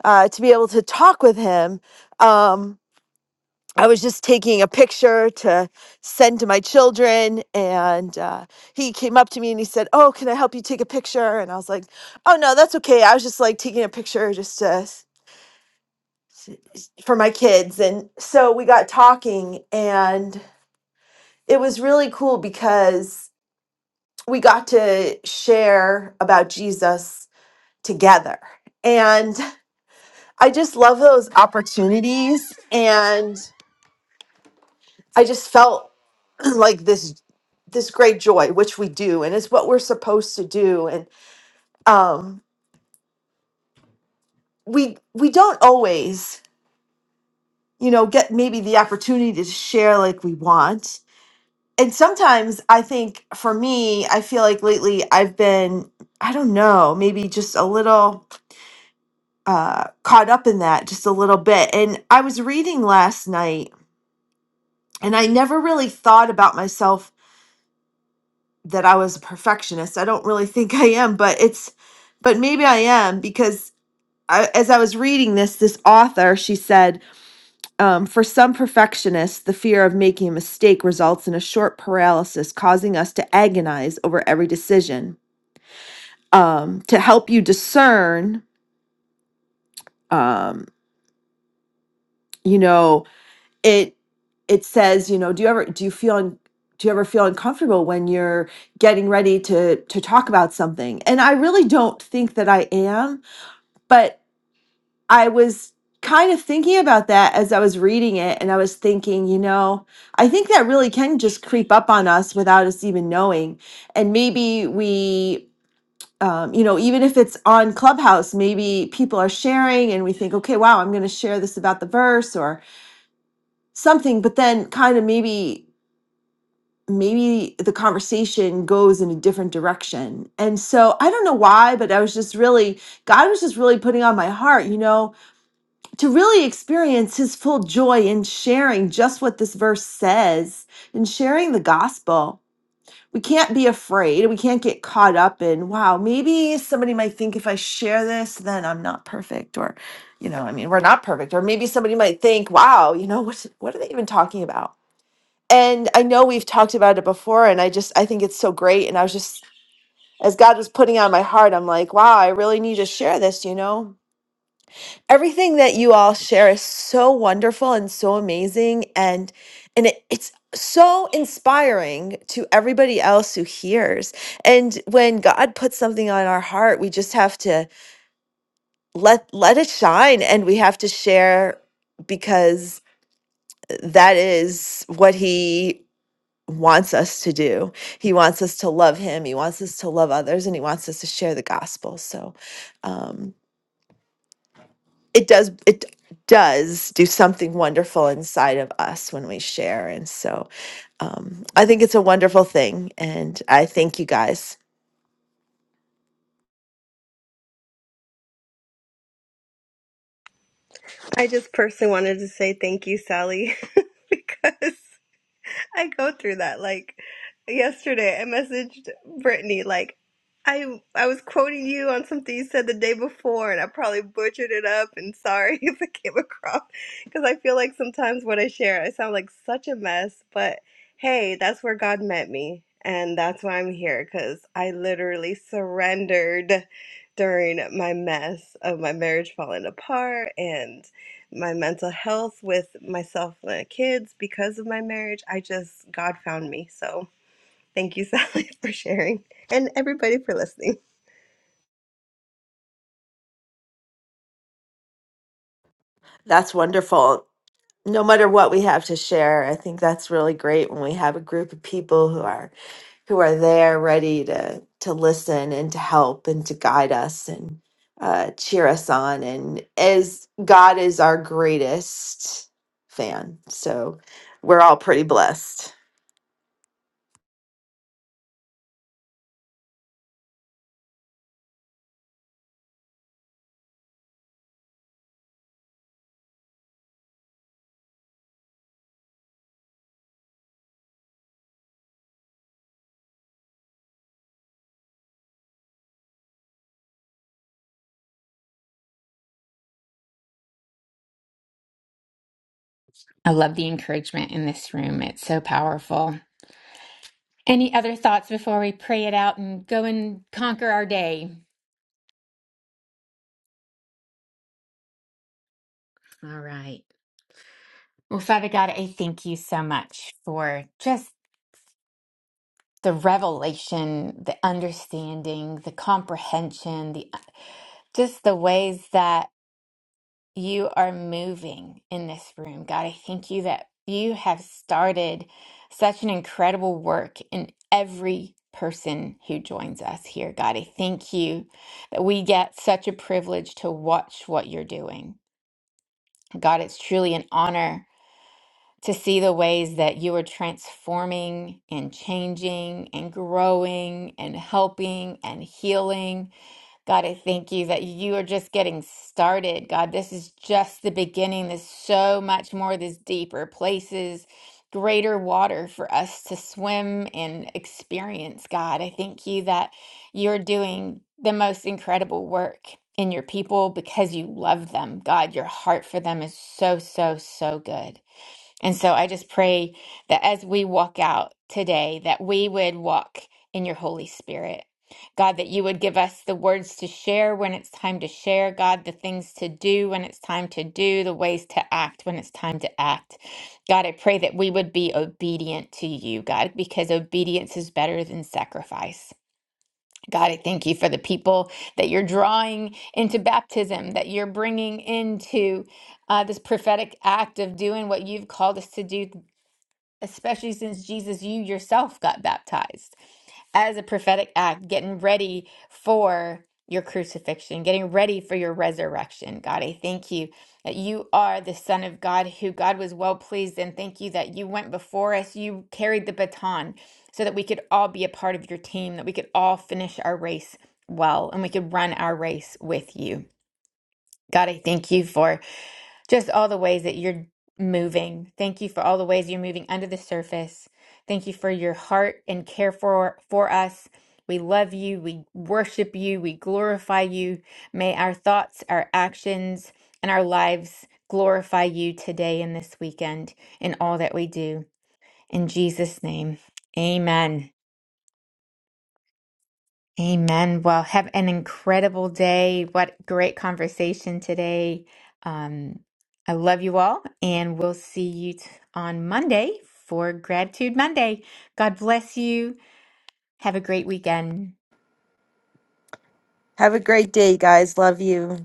Speaker 3: uh, to be able to talk with him. Um, I was just taking a picture to send to my children, and uh, he came up to me and he said, "Oh, can I help you take a picture?" And I was like, "Oh no, that's okay. I was just like taking a picture just to, s- for my kids." And so we got talking, and it was really cool because we got to share about Jesus together, and I just love those opportunities, and I just felt like this this great joy which we do and it's what we're supposed to do and um we we don't always you know get maybe the opportunity to share like we want and sometimes i think for me i feel like lately i've been i don't know maybe just a little uh caught up in that just a little bit and i was reading last night and i never really thought about myself that I was a perfectionist. I don't really think I am, but it's but maybe I am because I, as I was reading this, this author she said, um, for some perfectionists, the fear of making a mistake results in a short paralysis, causing us to agonize over every decision. Um, to help you discern, um, you know, it it says, you know, do you ever do you feel un, do you ever feel uncomfortable when you're getting ready to to talk about something? And I really don't think that I am But I was kind of thinking about that as I was reading it, and I was thinking, you know, I think that really can just creep up on us without us even knowing. And maybe we, um, you know, even if it's on Clubhouse, maybe people are sharing and we think, okay, wow, I'm going to share this about the verse or something, but then kind of maybe. Maybe the conversation goes in a different direction. And so I don't know why, but I was just really God was just really putting on my heart, you know, to really experience his full joy in sharing just what this verse says in sharing the gospel. We can't be afraid. We can't get caught up in, wow, maybe somebody might think if I share this, then I'm not perfect. Or, you know, I mean, we're not perfect. Or maybe somebody might think, wow, you know, what, what are they even talking about? And I know we've talked about it before, and I just, I think it's so great. And I was just, as God was putting it on my heart, I'm like, wow, I really need to share this, you know? everything that you all share is so wonderful and so amazing and and it, it's so inspiring to everybody else who hears and when god puts something on our heart we just have to let let it shine and we have to share because that is what he wants us to do he wants us to love him he wants us to love others and he wants us to share the gospel so um it does it does do something wonderful inside of us when we share and so um, i think it's a wonderful thing and i thank you guys
Speaker 5: I just personally wanted to say thank you, Sally, because I go through that. Like yesterday, I messaged Brittany like I I was quoting you on something you said the day before, and I probably butchered it up. And sorry if it came across because I feel like sometimes what I share, I sound like such a mess. But hey, that's where God met me, and that's why I'm here because I literally surrendered during my mess of my marriage falling apart and my mental health with myself and the kids because of my marriage. I just, God found me. So thank you, Sally, for sharing and everybody for listening.
Speaker 3: that's wonderful no matter what we have to share i think that's really great when we have a group of people who are who are there ready to to listen and to help and to guide us and uh, cheer us on and as god is our greatest fan so we're all pretty blessed
Speaker 1: I love the encouragement in this room. It's so powerful. Any other thoughts before we pray it out and go and conquer our day? All right. Well, Father God, I thank you so much for just the revelation, the understanding, the comprehension, the just the ways that you are moving in this room. God, I thank you that you have started such an incredible work in every person who joins us here. God, I thank you that we get such a privilege to watch what you're doing. God, it's truly an honor to see the ways that you are transforming and changing and growing and helping and healing. God, I thank you that you are just getting started. God, this is just the beginning. There's so much more, there's deeper places, greater water for us to swim and experience. God, I thank you that you're doing the most incredible work. In your people because you love them. God, your heart for them is so, so, so good. And so I just pray that as we walk out today, that we would walk in your Holy Spirit. God, that you would give us the words to share when it's time to share. God, the things to do when it's time to do, the ways to act when it's time to act. God, I pray that we would be obedient to you, God, because obedience is better than sacrifice. God, I thank you for the people that you're drawing into baptism, that you're bringing into uh, this prophetic act of doing what you've called us to do especially since Jesus, you yourself got baptized as a prophetic act, getting ready for your crucifixion, getting ready for your resurrection. God, I thank you that you are the Son of God who God was well pleased, and thank you that you went before us. You carried the baton so that we could all be a part of your team, that we could all finish our race well, and we could run our race with you. God, I thank you for. Just all the ways that you're moving. Thank you for all the ways you're moving under the surface. Thank you for your heart and care for for us. We love you. We worship you. We glorify you. May our thoughts, our actions, and our lives glorify you today and this weekend in all that we do. In Jesus' name, amen. Amen. Well, have an incredible day. What great conversation today. Um, I love you all, and we'll see you t- on Monday for Gratitude Monday. God bless you. Have a great weekend.
Speaker 3: Have a great day, guys. Love you.